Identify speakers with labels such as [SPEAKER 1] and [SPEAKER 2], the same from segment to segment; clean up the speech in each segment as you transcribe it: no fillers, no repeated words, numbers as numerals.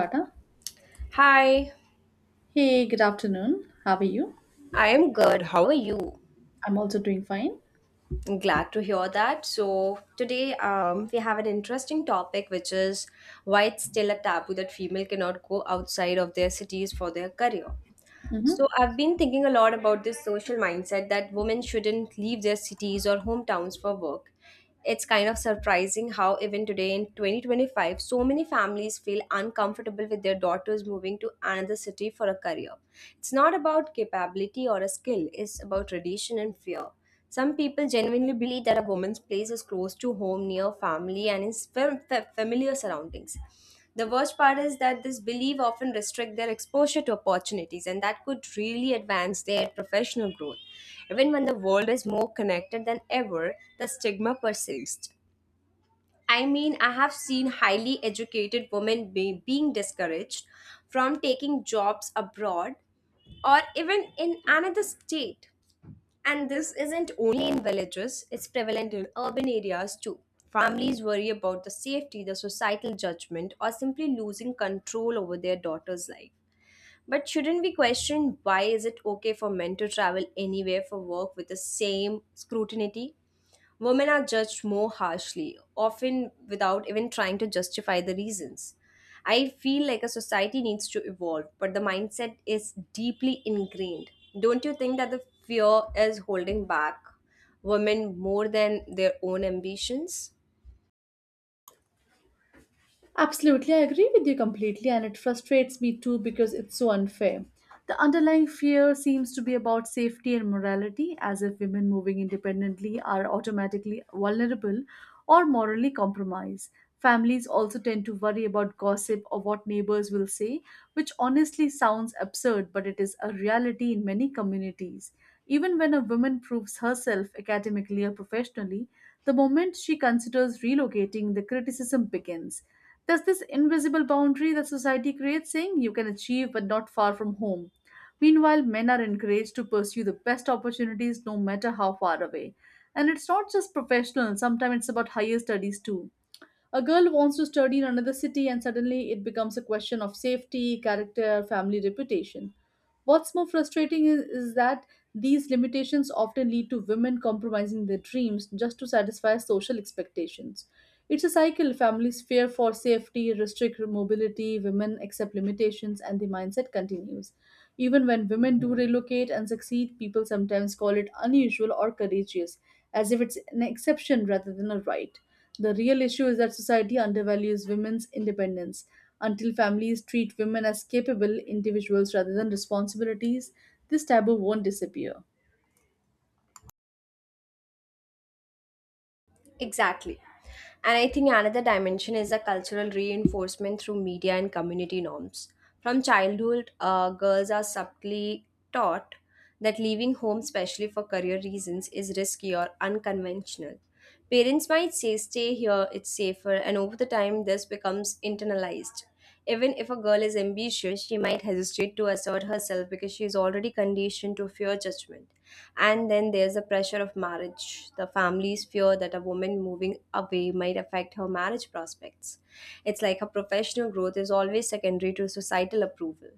[SPEAKER 1] Tata.
[SPEAKER 2] Hi,
[SPEAKER 1] Hey, good afternoon. How are you?
[SPEAKER 2] I am good. How are you?
[SPEAKER 1] I'm also doing fine.
[SPEAKER 2] I'm glad to hear that. So, today we have an interesting topic, which is why it's still a taboo that female cannot go outside of their cities for their career.
[SPEAKER 1] Hmm.
[SPEAKER 2] So I've been thinking a lot about this social mindset that women shouldn't leave their cities or hometowns for work. It's kind of surprising how even today in 2025 so many families feel uncomfortable with their daughters moving to another city for a career. It's not about capability or a skill, it's about tradition and fear. Some people genuinely believe that a woman's place is close to home, near family, and in familiar surroundings. The worst part is that this belief often restrict their exposure to opportunities, and that could really advance their professional growth. Even when the world is more connected than ever, the stigma persists. I mean, I have seen highly educated women being discouraged from taking jobs abroad or even in another state, and this isn't only in villages, it's prevalent in urban areas too. Families worry about the safety, the societal judgment, or simply losing control over their daughter's life. But shouldn't we question why is it okay for men to travel anywhere for work with the same scrutiny? Women are judged more harshly, often without even trying to justify the reasons. I feel like a society needs to evolve, but the mindset is deeply ingrained. Don't you think that the fear is holding back women more than their own ambitions?
[SPEAKER 1] Absolutely, I agree with you completely, and it frustrates me too because it's so unfair. The underlying fear seems to be about safety and morality, as if women moving independently are automatically vulnerable or morally compromised. Families also tend to worry about gossip or what neighbors will say, which honestly sounds absurd, but it is a reality in many communities. Even when a woman proves herself academically or professionally, the moment she considers relocating, the criticism begins. There's this invisible boundary that society creates saying you can achieve but not far from home. Meanwhile, men are encouraged to pursue the best opportunities no matter how far away. And it's not just professional, sometimes it's about higher studies too. A girl wants to study in another city, and suddenly it becomes a question of safety, character, family reputation. What's more frustrating is that these limitations often lead to women compromising their dreams just to satisfy social expectations. It's a cycle: families fear for safety, restrict mobility, women accept limitations, and the mindset continues. Even when women do relocate and succeed, people sometimes call it unusual or courageous, as if it's an exception rather than a right. The real issue is that society undervalues women's independence. Until families treat women as capable individuals rather than responsibilities, this taboo won't disappear.
[SPEAKER 2] Exactly. And I think another dimension is a cultural reinforcement through media and community norms. From childhood, girls are subtly taught that leaving home, especially for career reasons, is risky or unconventional. Parents might say, stay here, it's safer, and over the time, this becomes internalized. Even if a girl is ambitious, she might hesitate to assert herself because she is already conditioned to fear judgment. And then there's the pressure of marriage. The family's fear that a woman moving away might affect her marriage prospects. It's like her professional growth is always secondary to societal approval.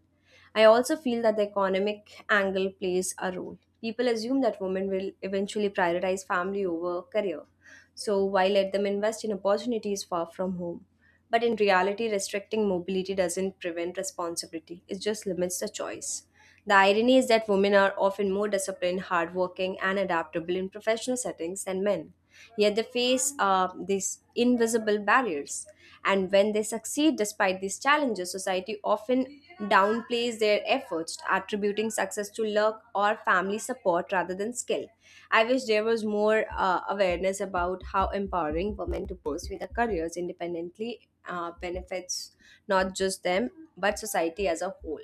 [SPEAKER 2] I also feel that the economic angle plays a role. People assume that women will eventually prioritize family over career. So why let them invest in opportunities far from home? But in reality, restricting mobility doesn't prevent responsibility, it just limits the choice. The irony is that women are often more disciplined, hardworking, and adaptable in professional settings than men. Yet they face these invisible barriers. And when they succeed despite these challenges, society often downplays their efforts, attributing success to luck or family support rather than skill. I wish there was more awareness about how empowering women to pursue their careers independently benefits not just them but society as a whole.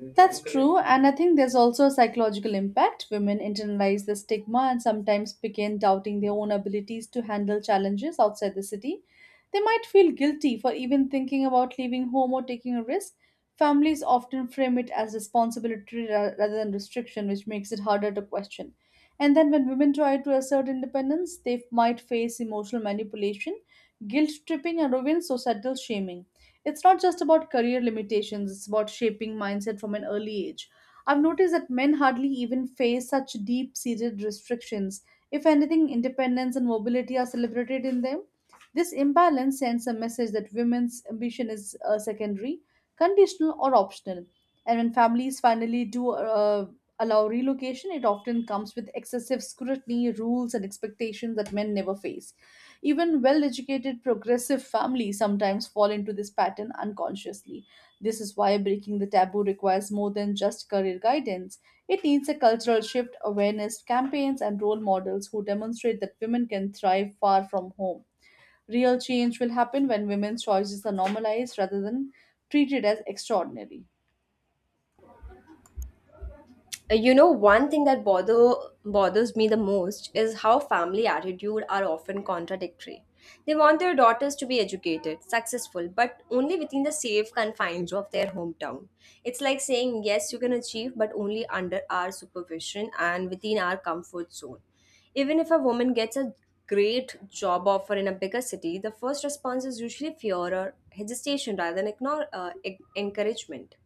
[SPEAKER 1] That's true, and I think there's also a psychological impact. Women internalize the stigma and sometimes begin doubting their own abilities to handle challenges outside the city. They might feel guilty for even thinking about leaving home or taking a risk. Families often frame it as responsibility rather than restriction, which makes it harder to question. And then, when women try to assert independence, they might face emotional manipulation, guilt tripping, and even societal shaming. It's not just about career limitations, it's about shaping mindset from an early age. I've noticed that men hardly even face such deep seated restrictions. If anything, independence and mobility are celebrated in them. This imbalance sends a message that women's ambition is secondary, conditional, or optional. And when families finally do allow relocation, it often comes with excessive scrutiny, rules, and expectations that men never face. Even well educated, progressive families sometimes fall into this pattern unconsciously. This is why breaking the taboo requires more than just career guidance. It needs a cultural shift, awareness campaigns, and role models who demonstrate that women can thrive far from home. Real change will happen when women's choices are normalized rather than treated as extraordinary.
[SPEAKER 2] You know, one thing that bothers me the most is how family attitude are often contradictory. They want their daughters to be educated, successful, but only within the safe confines of their hometown. It's like saying, yes, you can achieve, but only under our supervision and within our comfort zone. Even if a woman gets a great job offer in a bigger city, the first response is usually fear or hesitation rather than encouragement.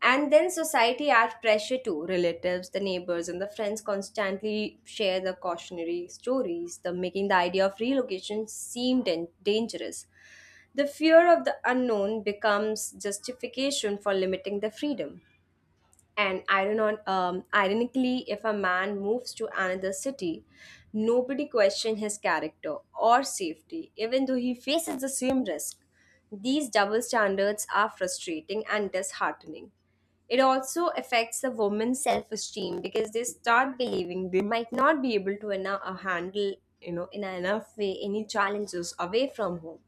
[SPEAKER 2] And then society adds pressure too. Relatives, the neighbors, and the friends constantly share the cautionary stories, the making the idea of relocation seem dangerous. The fear of the unknown becomes justification for limiting the freedom. And ironically, if a man moves to another city, nobody questions his character or safety, even though he faces the same risk. These double standards are frustrating and disheartening. It also affects the woman's self esteem because they start believing they might not be able to enough, handle, you know, in enough way any challenges away from home.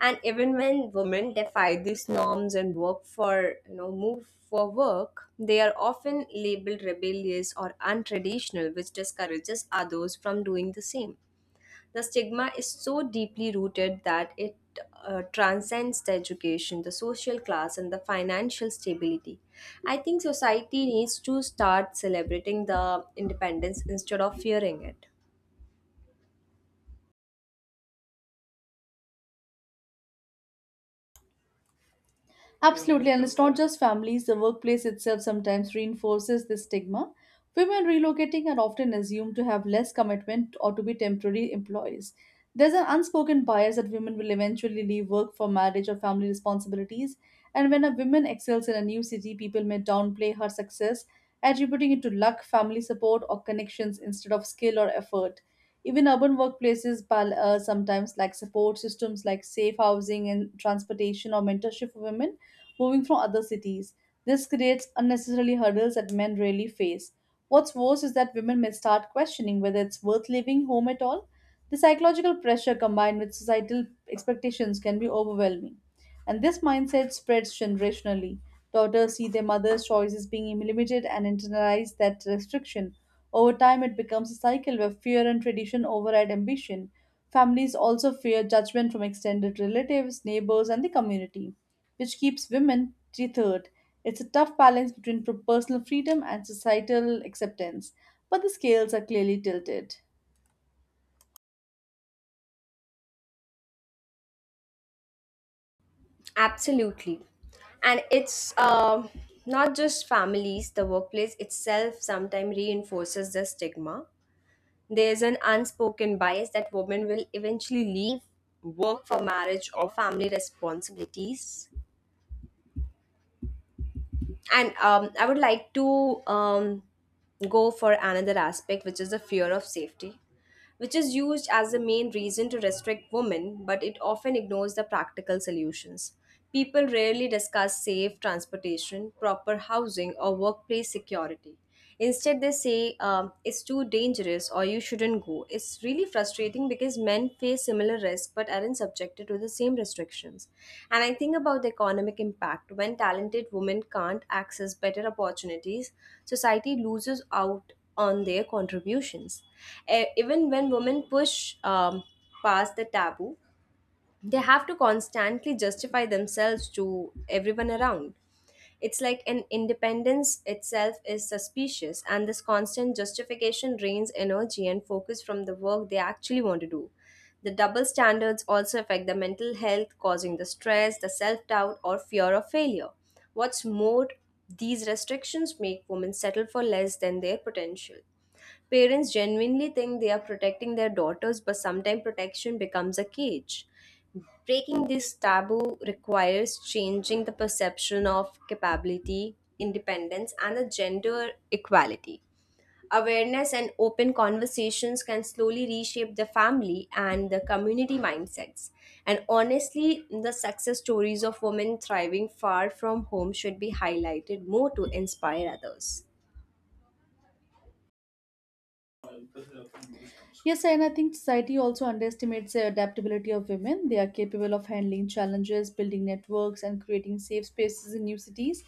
[SPEAKER 2] And even when women defy these norms and work for, you know, move for work, they are often labeled rebellious or untraditional, which discourages others from doing the same. The stigma is so deeply rooted that it transcends the education, the social class, and the financial stability. I think society needs to start celebrating the independence instead of fearing it.
[SPEAKER 1] Absolutely, and it's not just families, the workplace itself sometimes reinforces this stigma. Women relocating are often assumed to have less commitment or to be temporary employees. There's an unspoken bias that women will eventually leave work for marriage or family responsibilities, and when a woman excels in a new city, people may downplay her success, attributing it to luck, family support, or connections instead of skill or effort. Even urban workplaces sometimes lack support systems like safe housing and transportation or mentorship for women moving from other cities. This creates unnecessarily hurdles that men rarely face. What's worse is that women may start questioning whether it's worth leaving home at all. The psychological pressure combined with societal expectations can be overwhelming. And this mindset spreads generationally. Daughters see their mother's choices being limited and internalize that restriction. Over time, it becomes a cycle where fear and tradition override ambition. Families also fear judgment from extended relatives, neighbors, and the community, which keeps women tethered. It's a tough balance between personal freedom and societal acceptance, but the scales are clearly tilted.
[SPEAKER 2] Absolutely. And it's not just families, the workplace itself sometimes reinforces the stigma. There's an unspoken bias that women will eventually leave work for marriage or family responsibilities. And I would like to go for another aspect, which is the fear of safety, which is used as the main reason to restrict women, but it often ignores the practical solutions. People rarely discuss safe transportation, proper housing, or workplace security. Instead, they say, it's too dangerous or you shouldn't go. It's really frustrating because men face similar risks but aren't subjected to the same restrictions. And I think about the economic impact. When talented women can't access better opportunities, society loses out on their contributions. Even when women push past the taboo, they have to constantly justify themselves to everyone around. It's like an independence itself is suspicious, and this constant justification drains energy and focus from the work they actually want to do. The double standards also affect the mental health, causing the stress, the self doubt, or fear of failure. What's more, these restrictions make women settle for less than their potential. Parents genuinely think they are protecting their daughters, but sometimes protection becomes a cage. Breaking this taboo requires changing the perception of capability, independence, and the gender equality. Awareness and open conversations can slowly reshape the family and the community mindsets. And honestly, the success stories of women thriving far from home should be highlighted more to inspire others.
[SPEAKER 1] Yes, and I think society also underestimates the adaptability of women. They are capable of handling challenges, building networks, and creating safe spaces in new cities.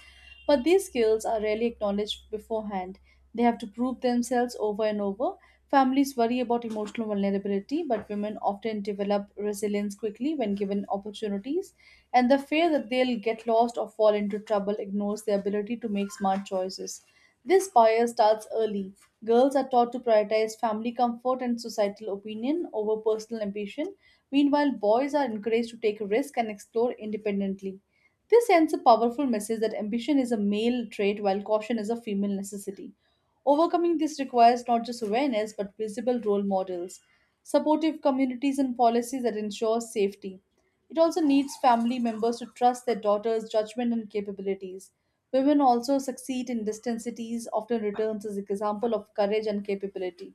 [SPEAKER 1] But these skills are rarely acknowledged beforehand. They have to prove themselves over and over. Families worry about emotional vulnerability, but women often develop resilience quickly when given opportunities, and the fear that they'll get lost or fall into trouble ignores their ability to make smart choices. This bias starts early. Girls are taught to prioritize family comfort and societal opinion over personal ambition. Meanwhile, boys are encouraged to take risks and explore independently. This sends a powerful message that ambition is a male trait while caution is a female necessity. Overcoming this requires not just awareness but visible role models, supportive communities, and policies that ensure safety. It also needs family members to trust their daughters' judgment and capabilities. Women also succeed in distant cities, often returns as an example of courage and capability.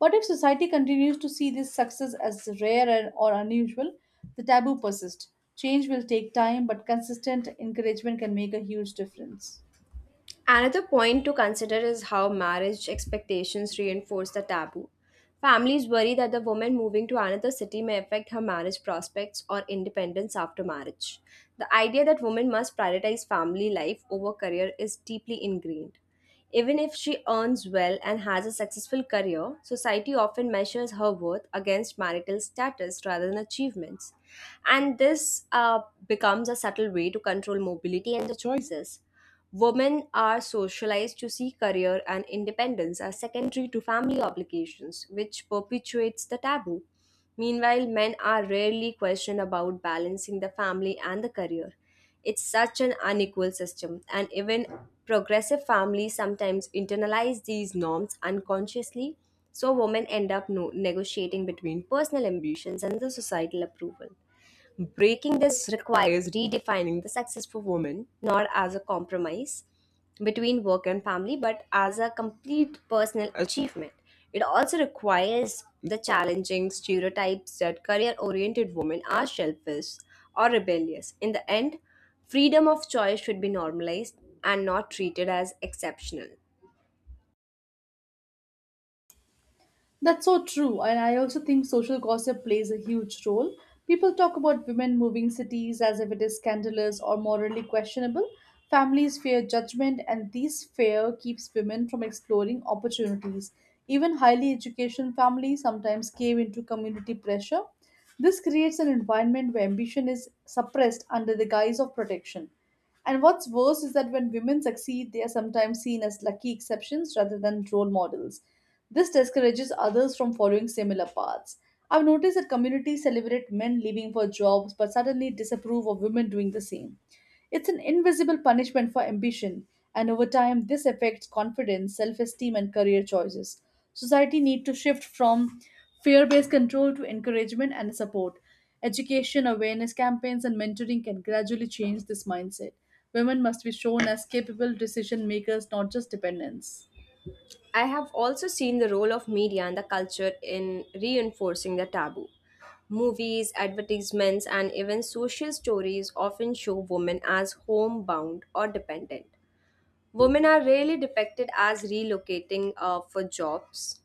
[SPEAKER 1] But if society continues to see this success as rare or unusual, the taboo persists. Change will take time, but consistent encouragement can make a huge difference.
[SPEAKER 2] Another point to consider is how marriage expectations reinforce the taboo. Families worry that the woman moving to another city may affect her marriage prospects or independence after marriage. The idea that women must prioritize family life over career is deeply ingrained. Even if she earns well and has a successful career, society often measures her worth against marital status rather than achievements. And this becomes a subtle way to control mobility and the choices. Women are socialized to see career and independence as secondary to family obligations, which perpetuates the taboo. Meanwhile, men are rarely questioned about balancing the family and the career. It's such an unequal system, and even progressive families sometimes internalize these norms unconsciously, so women end up negotiating between personal ambitions and the societal approval. Breaking this requires redefining the success for women, not as a compromise between work and family, but as a complete personal achievement. It also requires the challenging stereotypes that career oriented women are selfish or rebellious. In the end, freedom of choice should be normalized and not treated as exceptional.
[SPEAKER 1] That's so true, and I also think social gossip plays a huge role. People talk about women moving cities as if it is scandalous or morally questionable. Families fear judgment, and this fear keeps women from exploring opportunities. Even highly educated families sometimes cave into community pressure. This creates an environment where ambition is suppressed under the guise of protection. And what's worse is that when women succeed, they are sometimes seen as lucky exceptions rather than role models. This discourages others from following similar paths. I've noticed that communities celebrate men leaving for jobs but suddenly disapprove of women doing the same. It's an invisible punishment for ambition, and over time, this affects confidence, self esteem, and career choices. Society needs to shift from fear based control to encouragement and support. Education, awareness campaigns, and mentoring can gradually change this mindset. Women must be shown as capable decision makers, not just dependents.
[SPEAKER 2] I have also seen the role of media and the culture in reinforcing the taboo. Movies, advertisements, and even social stories often show women as homebound or dependent. Women are rarely depicted as relocating for jobs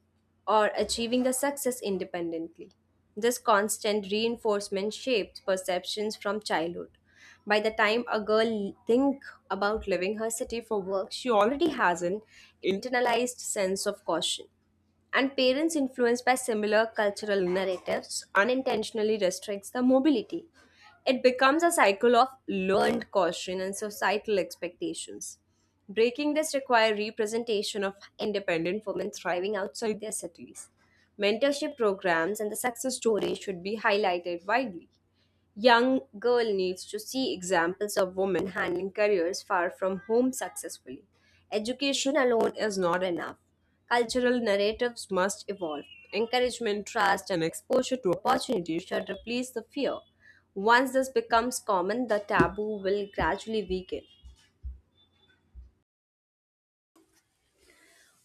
[SPEAKER 2] or achieving the success independently. This constant reinforcement shapes perceptions from childhood. By the time a girl think about leaving her city for work, she already has an internalized sense of caution. And parents influenced by similar cultural narratives unintentionally restricts the mobility. It becomes a cycle of learned caution and societal expectations. Breaking this requires representation of independent women thriving outside their cities. Mentorship programs and the success stories should be highlighted widely. Young girl needs to see examples of women handling careers far from home successfully. Education alone is not enough. Cultural narratives must evolve. Encouragement, trust, and exposure to opportunities should replace the fear. Once this becomes common, the taboo will gradually weaken.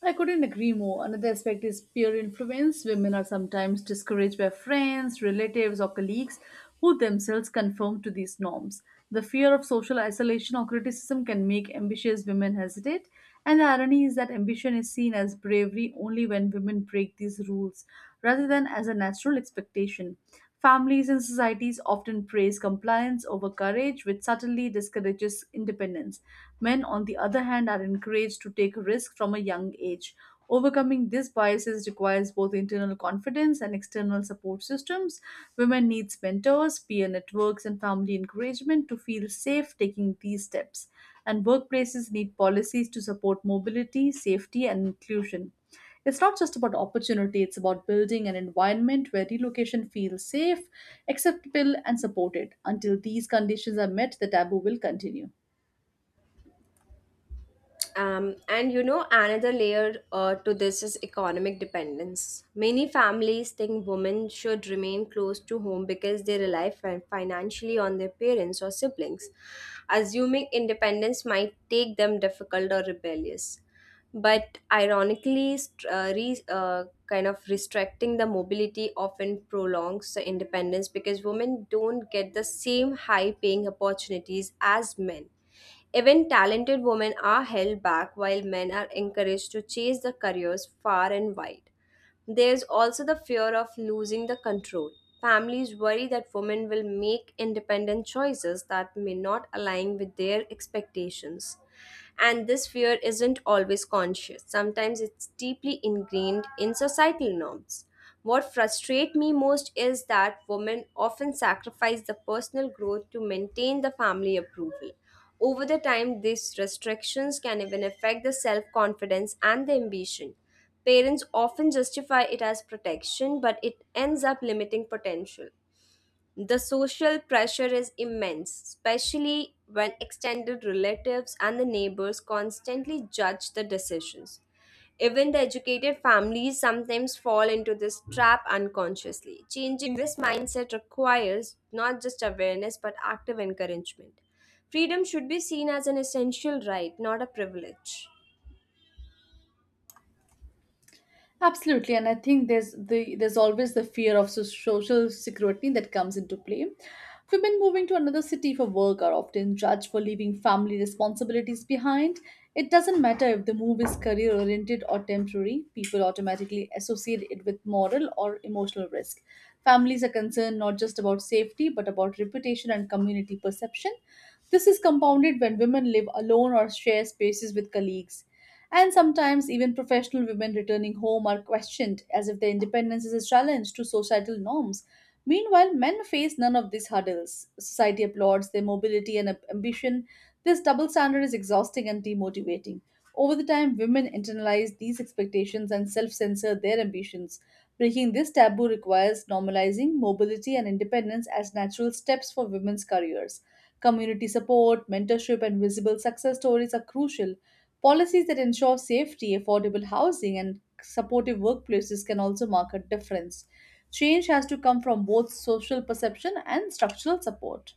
[SPEAKER 1] I couldn't agree more. Another aspect is peer influence. Women are sometimes discouraged by friends, relatives, or colleagues who themselves conform to these norms. The fear of social isolation or criticism can make ambitious women hesitate, and the irony is that ambition is seen as bravery only when women break these rules rather than as a natural expectation. Families and societies often praise compliance over courage, which subtly discourages independence. Men, on the other hand, are encouraged to take risks from a young age. Overcoming these biases requires both internal confidence and external support systems. Women need mentors, peer networks, and family encouragement to feel safe taking these steps. And workplaces need policies to support mobility, safety, and inclusion. It's not just about opportunity, it's about building an environment where relocation feels safe, acceptable, and supported. Until these conditions are met, the taboo will continue.
[SPEAKER 2] And you know, another layer to this is economic dependence. Many families think women should remain close to home because they rely financially on their parents or siblings, assuming independence might take them difficult or rebellious. But ironically, kind of restricting the mobility often prolongs the independence because women don't get the same high paying opportunities as men. Even talented women are held back while men are encouraged to chase the careers far and wide. There's also the fear of losing the control. Families worry that women will make independent choices that may not align with their expectations. And this fear isn't always conscious, sometimes it's deeply ingrained in societal norms. What frustrates me most is that women often sacrifice the personal growth to maintain the family approval. Over the time, these restrictions can even affect the self confidence and the ambition. Parents often justify it as protection, but it ends up limiting potential. The social pressure is immense, especially when extended relatives and the neighbors constantly judge the decisions. Even the educated families sometimes fall into this trap unconsciously. Changing this mindset requires not just awareness but active encouragement. Freedom should be seen as an essential right, not a privilege.
[SPEAKER 1] Absolutely, and I think there's always the fear of social security that comes into play. Women moving to another city for work are often judged for leaving family responsibilities behind. It doesn't matter if the move is career oriented or temporary, people automatically associate it with moral or emotional risk. Families are concerned not just about safety but about reputation and community perception. This is compounded when women live alone or share spaces with colleagues. And sometimes even professional women returning home are questioned as if their independence is a challenge to societal norms. Meanwhile, men face none of these hurdles. Society applauds their mobility and ambition. This double standard is exhausting and demotivating. Over the time, women internalize these expectations and self censor their ambitions. Breaking this taboo requires normalizing mobility and independence as natural steps for women's careers. Community support, mentorship, and visible success stories are crucial. Policies that ensure safety, affordable housing, and supportive workplaces can also mark a difference. Change has to come from both social perception and structural support.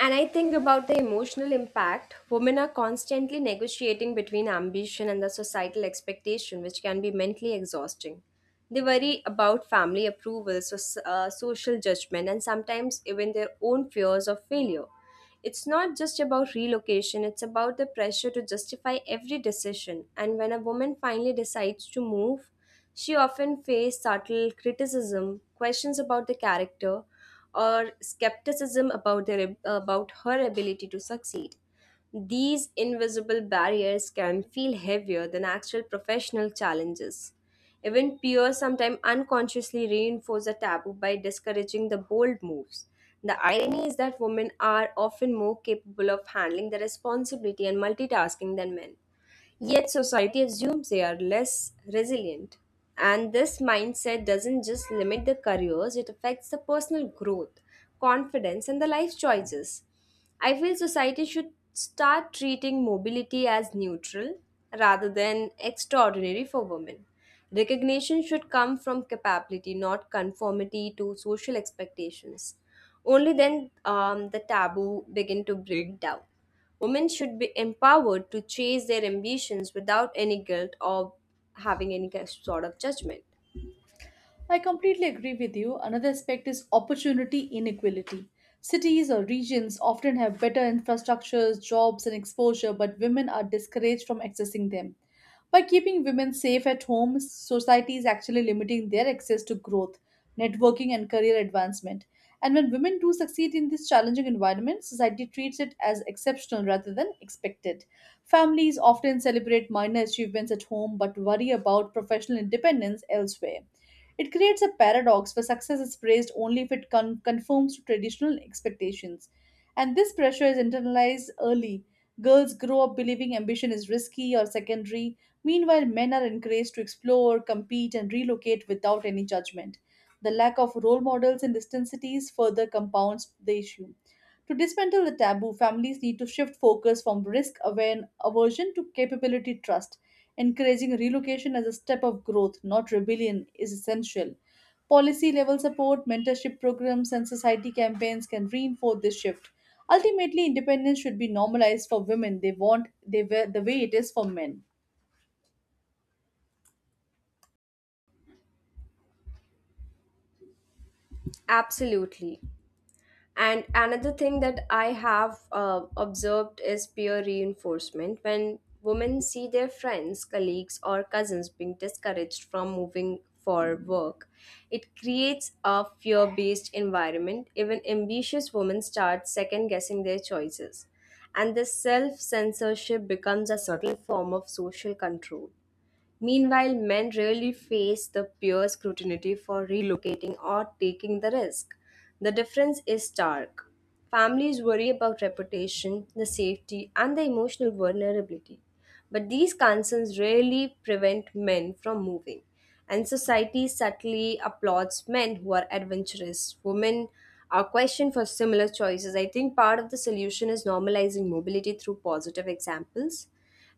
[SPEAKER 2] And I think about the emotional impact. Women are constantly negotiating between ambition and the societal expectation, which can be mentally exhausting. They worry about family approval, so, social judgment, and sometimes even their own fears of failure. It's not just about relocation, it's about the pressure to justify every decision. And when a woman finally decides to move, she often faces subtle criticism, questions about the character, or skepticism about their about her ability to succeed. These invisible barriers can feel heavier than actual professional challenges. Even peers sometimes unconsciously reinforce a taboo by discouraging the bold moves. The irony is that women are often more capable of handling the responsibility and multitasking than men. Yet society assumes they are less resilient. And this mindset doesn't just limit the careers, it affects the personal growth, confidence, and the life choices. I feel society should start treating mobility as neutral rather than extraordinary for women. Recognition should come from capability, not conformity to social expectations. Only then the taboo begin to break down. Women should be empowered to chase their ambitions without any guilt or having any sort of judgment.
[SPEAKER 1] I completely agree with you. Another aspect is opportunity inequality. Cities or regions often have better infrastructures, jobs, and exposure, but women are discouraged from accessing them. By keeping women safe at home, society is actually limiting their access to growth, networking, and career advancement. And when women do succeed in this challenging environment, society treats it as exceptional rather than expected. Families often celebrate minor achievements at home but worry about professional independence elsewhere. It creates a paradox where success is praised only if it conforms to traditional expectations. And this pressure is internalized early. Girls grow up believing ambition is risky or secondary. Meanwhile, men are encouraged to explore, compete, and relocate without any judgment. The lack of role models in distant cities further compounds the issue. To dismantle the taboo, families need to shift focus from risk aversion to capability trust. Encouraging relocation as a step of growth, not rebellion, is essential. Policy level support, mentorship programs, and society campaigns can reinforce this shift. Ultimately, independence should be normalized for women. They want they were the way it is for men.
[SPEAKER 2] Absolutely. And another thing that I have observed is peer reinforcement. When women see their friends, colleagues, or cousins being discouraged from moving for work, it creates a fear based environment. Even ambitious women start second guessing their choices. And this self censorship becomes a subtle form of social control. Meanwhile, men rarely face the peer scrutiny for relocating or taking the risk. The difference is stark. Families worry about reputation, the safety, and the emotional vulnerability. But these concerns rarely prevent men from moving. And society subtly applauds men who are adventurous. Women are questioned for similar choices. I think part of the solution is normalizing mobility through positive examples.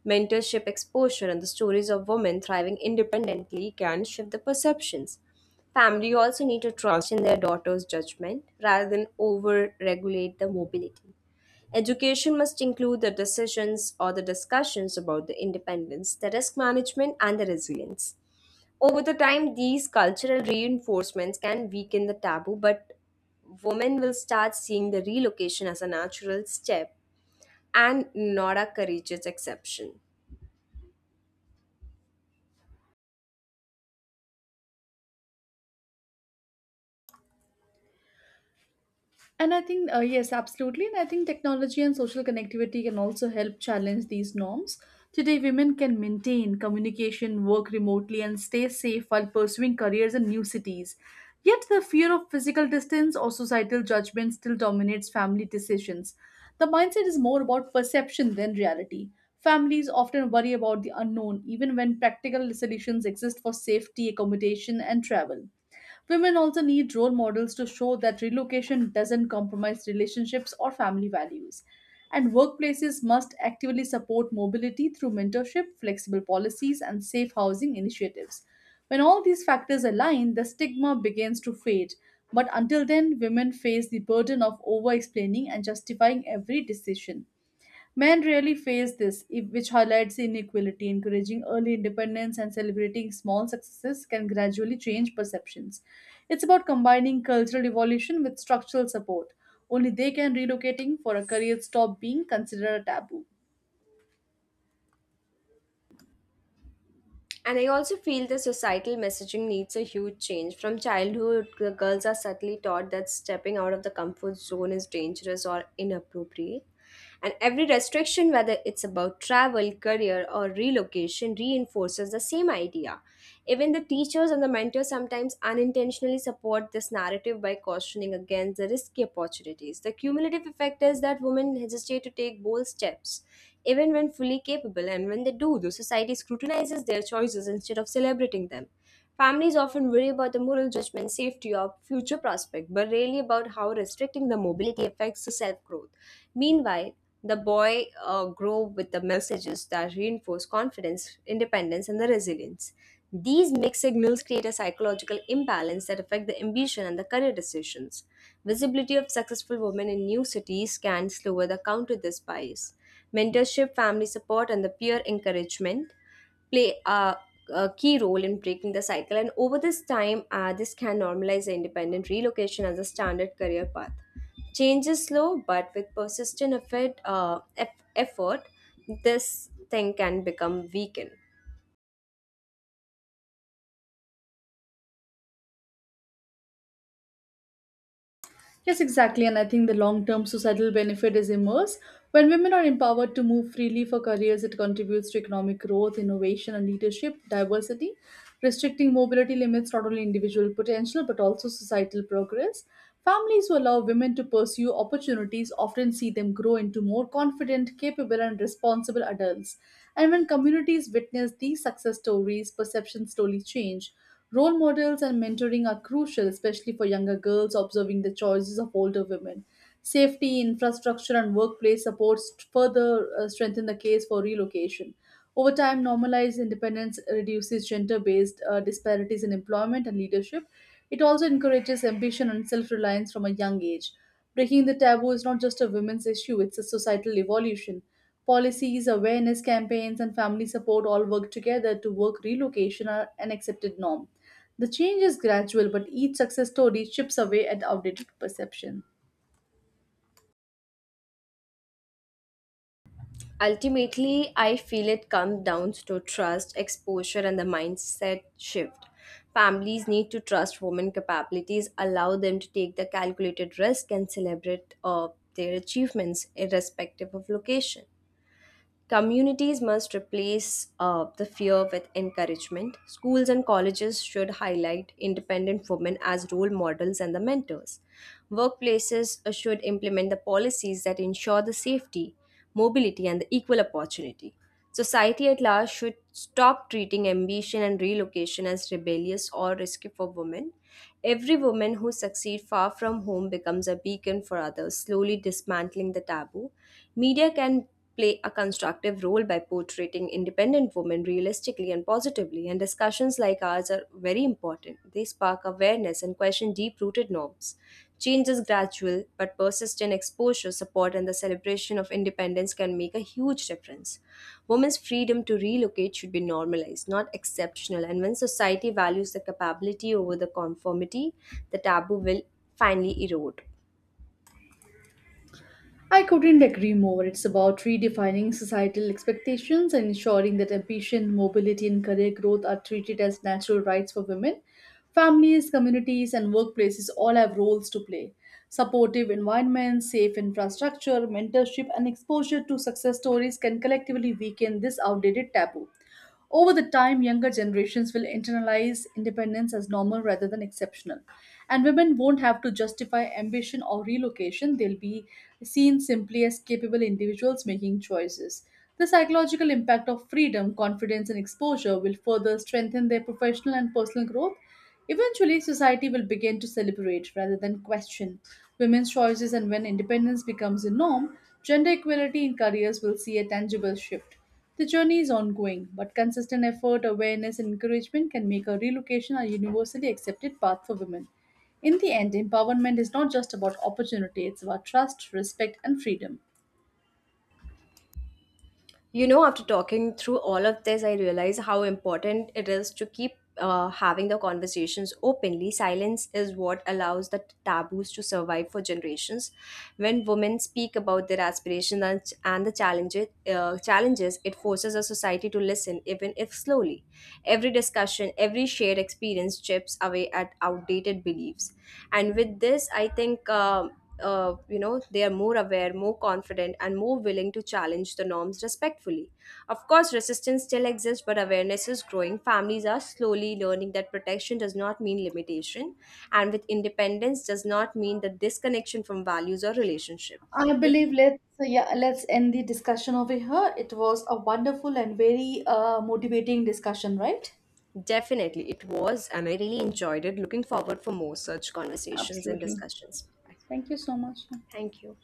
[SPEAKER 2] Mentorship exposure and the stories of women thriving independently can shift the perceptions. Family also need to trust in their daughter's judgment rather than over regulate the mobility. Education must include the decisions or the discussions about the independence, the risk management, and the resilience. Over the time, these cultural reinforcements can weaken the taboo, but women will start seeing the relocation as a natural step and not a courageous exception.
[SPEAKER 1] And I think, yes, absolutely. And I think technology and social connectivity can also help challenge these norms. Today, women can maintain communication, work remotely, and stay safe while pursuing careers in new cities. Yet, the fear of physical distance or societal judgment still dominates family decisions. The mindset is more about perception than reality. Families often worry about the unknown, even when practical solutions exist for safety, accommodation, and travel. Women also need role models to show that relocation doesn't compromise relationships or family values. And workplaces must actively support mobility through mentorship, flexible policies, and safe housing initiatives. When all these factors align, the stigma begins to fade. But until then, women face the burden of over explaining and justifying every decision. Men rarely face this, which highlights inequality. Encouraging early independence and celebrating small successes can gradually change perceptions. It's about combining cultural evolution with structural support. Only they can relocating for a career stop being considered a taboo.
[SPEAKER 2] And I also feel the societal messaging needs a huge change. From childhood, the girls are subtly taught that stepping out of the comfort zone is dangerous or inappropriate. And every restriction, whether it's about travel, career, or relocation, reinforces the same idea. Even the teachers and the mentors sometimes unintentionally support this narrative by cautioning against the risky opportunities. The cumulative effect is that women hesitate to take bold steps, even when fully capable, and when they do, the society scrutinizes their choices instead of celebrating them. Families often worry about the moral judgment, safety, or future prospect, but rarely about how restricting the mobility affects the self growth. Meanwhile, the boy grow with the messages that reinforce confidence, independence, and the resilience. These mixed signals create a psychological imbalance that affect the ambition and the career decisions. Visibility of successful women in new cities can slower the counter this bias. Mentorship, family support, and the peer encouragement play a key role in breaking the cycle. And over this time, this can normalize the independent relocation as a standard career path. Change is slow, but with persistent effort, effort, this thing can become weakened.
[SPEAKER 1] Yes, exactly. And I think the long term societal benefit is immense. When women are empowered to move freely for careers, it contributes to economic growth, innovation, and leadership diversity. Restricting mobility limits not only individual potential but also societal progress. Families who allow women to pursue opportunities often see them grow into more confident, capable, and responsible adults. And when communities witness these success stories, perceptions slowly change. Role models and mentoring are crucial, especially for younger girls observing the choices of older women. Safety, infrastructure, and workplace supports further strengthen the case for relocation. Over time, normalized independence reduces gender based disparities in employment and leadership. It also encourages ambition and self reliance from a young age. Breaking the taboo is not just a women's issue, it's a societal evolution. Policies, awareness campaigns, and family support all work together to work relocation are an accepted norm. The change is gradual, but each success story chips away at outdated perception.
[SPEAKER 2] Ultimately, I feel it comes down to trust, exposure, and the mindset shift. Families need to trust women capabilities, allow them to take the calculated risk, and celebrate their achievements irrespective of location. Communities must replace the fear with encouragement. Schools and colleges should highlight independent women as role models and the mentors. Workplaces should implement the policies that ensure the safety, mobility, and the equal opportunity. Society at large should stop treating ambition and relocation as rebellious or risky for women. Every woman who succeeds far from home becomes a beacon for others, slowly dismantling the taboo. Media can play a constructive role by portraying independent women realistically and positively, and discussions like ours are very important. They spark awareness and question deep rooted norms. Change is gradual, but persistent exposure, support, and the celebration of independence can make a huge difference. Women's freedom to relocate should be normalized, not exceptional, and when society values the capability over the conformity, the taboo will finally erode.
[SPEAKER 1] I couldn't agree more. It's about redefining societal expectations and ensuring that ambition, mobility, and career growth are treated as natural rights for women. Families, communities, and workplaces all have roles to play. Supportive environments, safe infrastructure, mentorship, and exposure to success stories can collectively weaken this outdated taboo. Over the time, younger generations will internalize independence as normal rather than exceptional. And women won't have to justify ambition or relocation, they'll be seen simply as capable individuals making choices. The psychological impact of freedom, confidence, and exposure will further strengthen their professional and personal growth. Eventually, society will begin to celebrate rather than question women's choices, and when independence becomes a norm, gender equality in careers will see a tangible shift. The journey is ongoing, but consistent effort, awareness, and encouragement can make a relocation a universally accepted path for women. In the end, empowerment is not just about opportunity, it's about trust, respect, and freedom.
[SPEAKER 2] You know, after talking through all of this, I realize how important it is to keep having the conversations openly. Silence is what allows the taboos to survive for generations. When women speak about their aspirations and the challenges, it forces a society to listen, even if slowly. Every discussion, every shared experience chips away at outdated beliefs. And with this, I think they are more aware, more confident, and more willing to challenge the norms respectfully. Of course resistance still exists, but awareness is growing. Families are slowly learning that protection does not mean limitation, and with independence does not mean the disconnection from values or relationship.
[SPEAKER 1] I
[SPEAKER 2] It
[SPEAKER 1] believe let's end the discussion over here. It was a wonderful and very motivating discussion, right?
[SPEAKER 2] definitely, it was, and I really enjoyed it. Looking forward for more such conversations and
[SPEAKER 1] Absolutely.
[SPEAKER 2] discussions. Bye.
[SPEAKER 1] Thank you so much.
[SPEAKER 2] Thank you.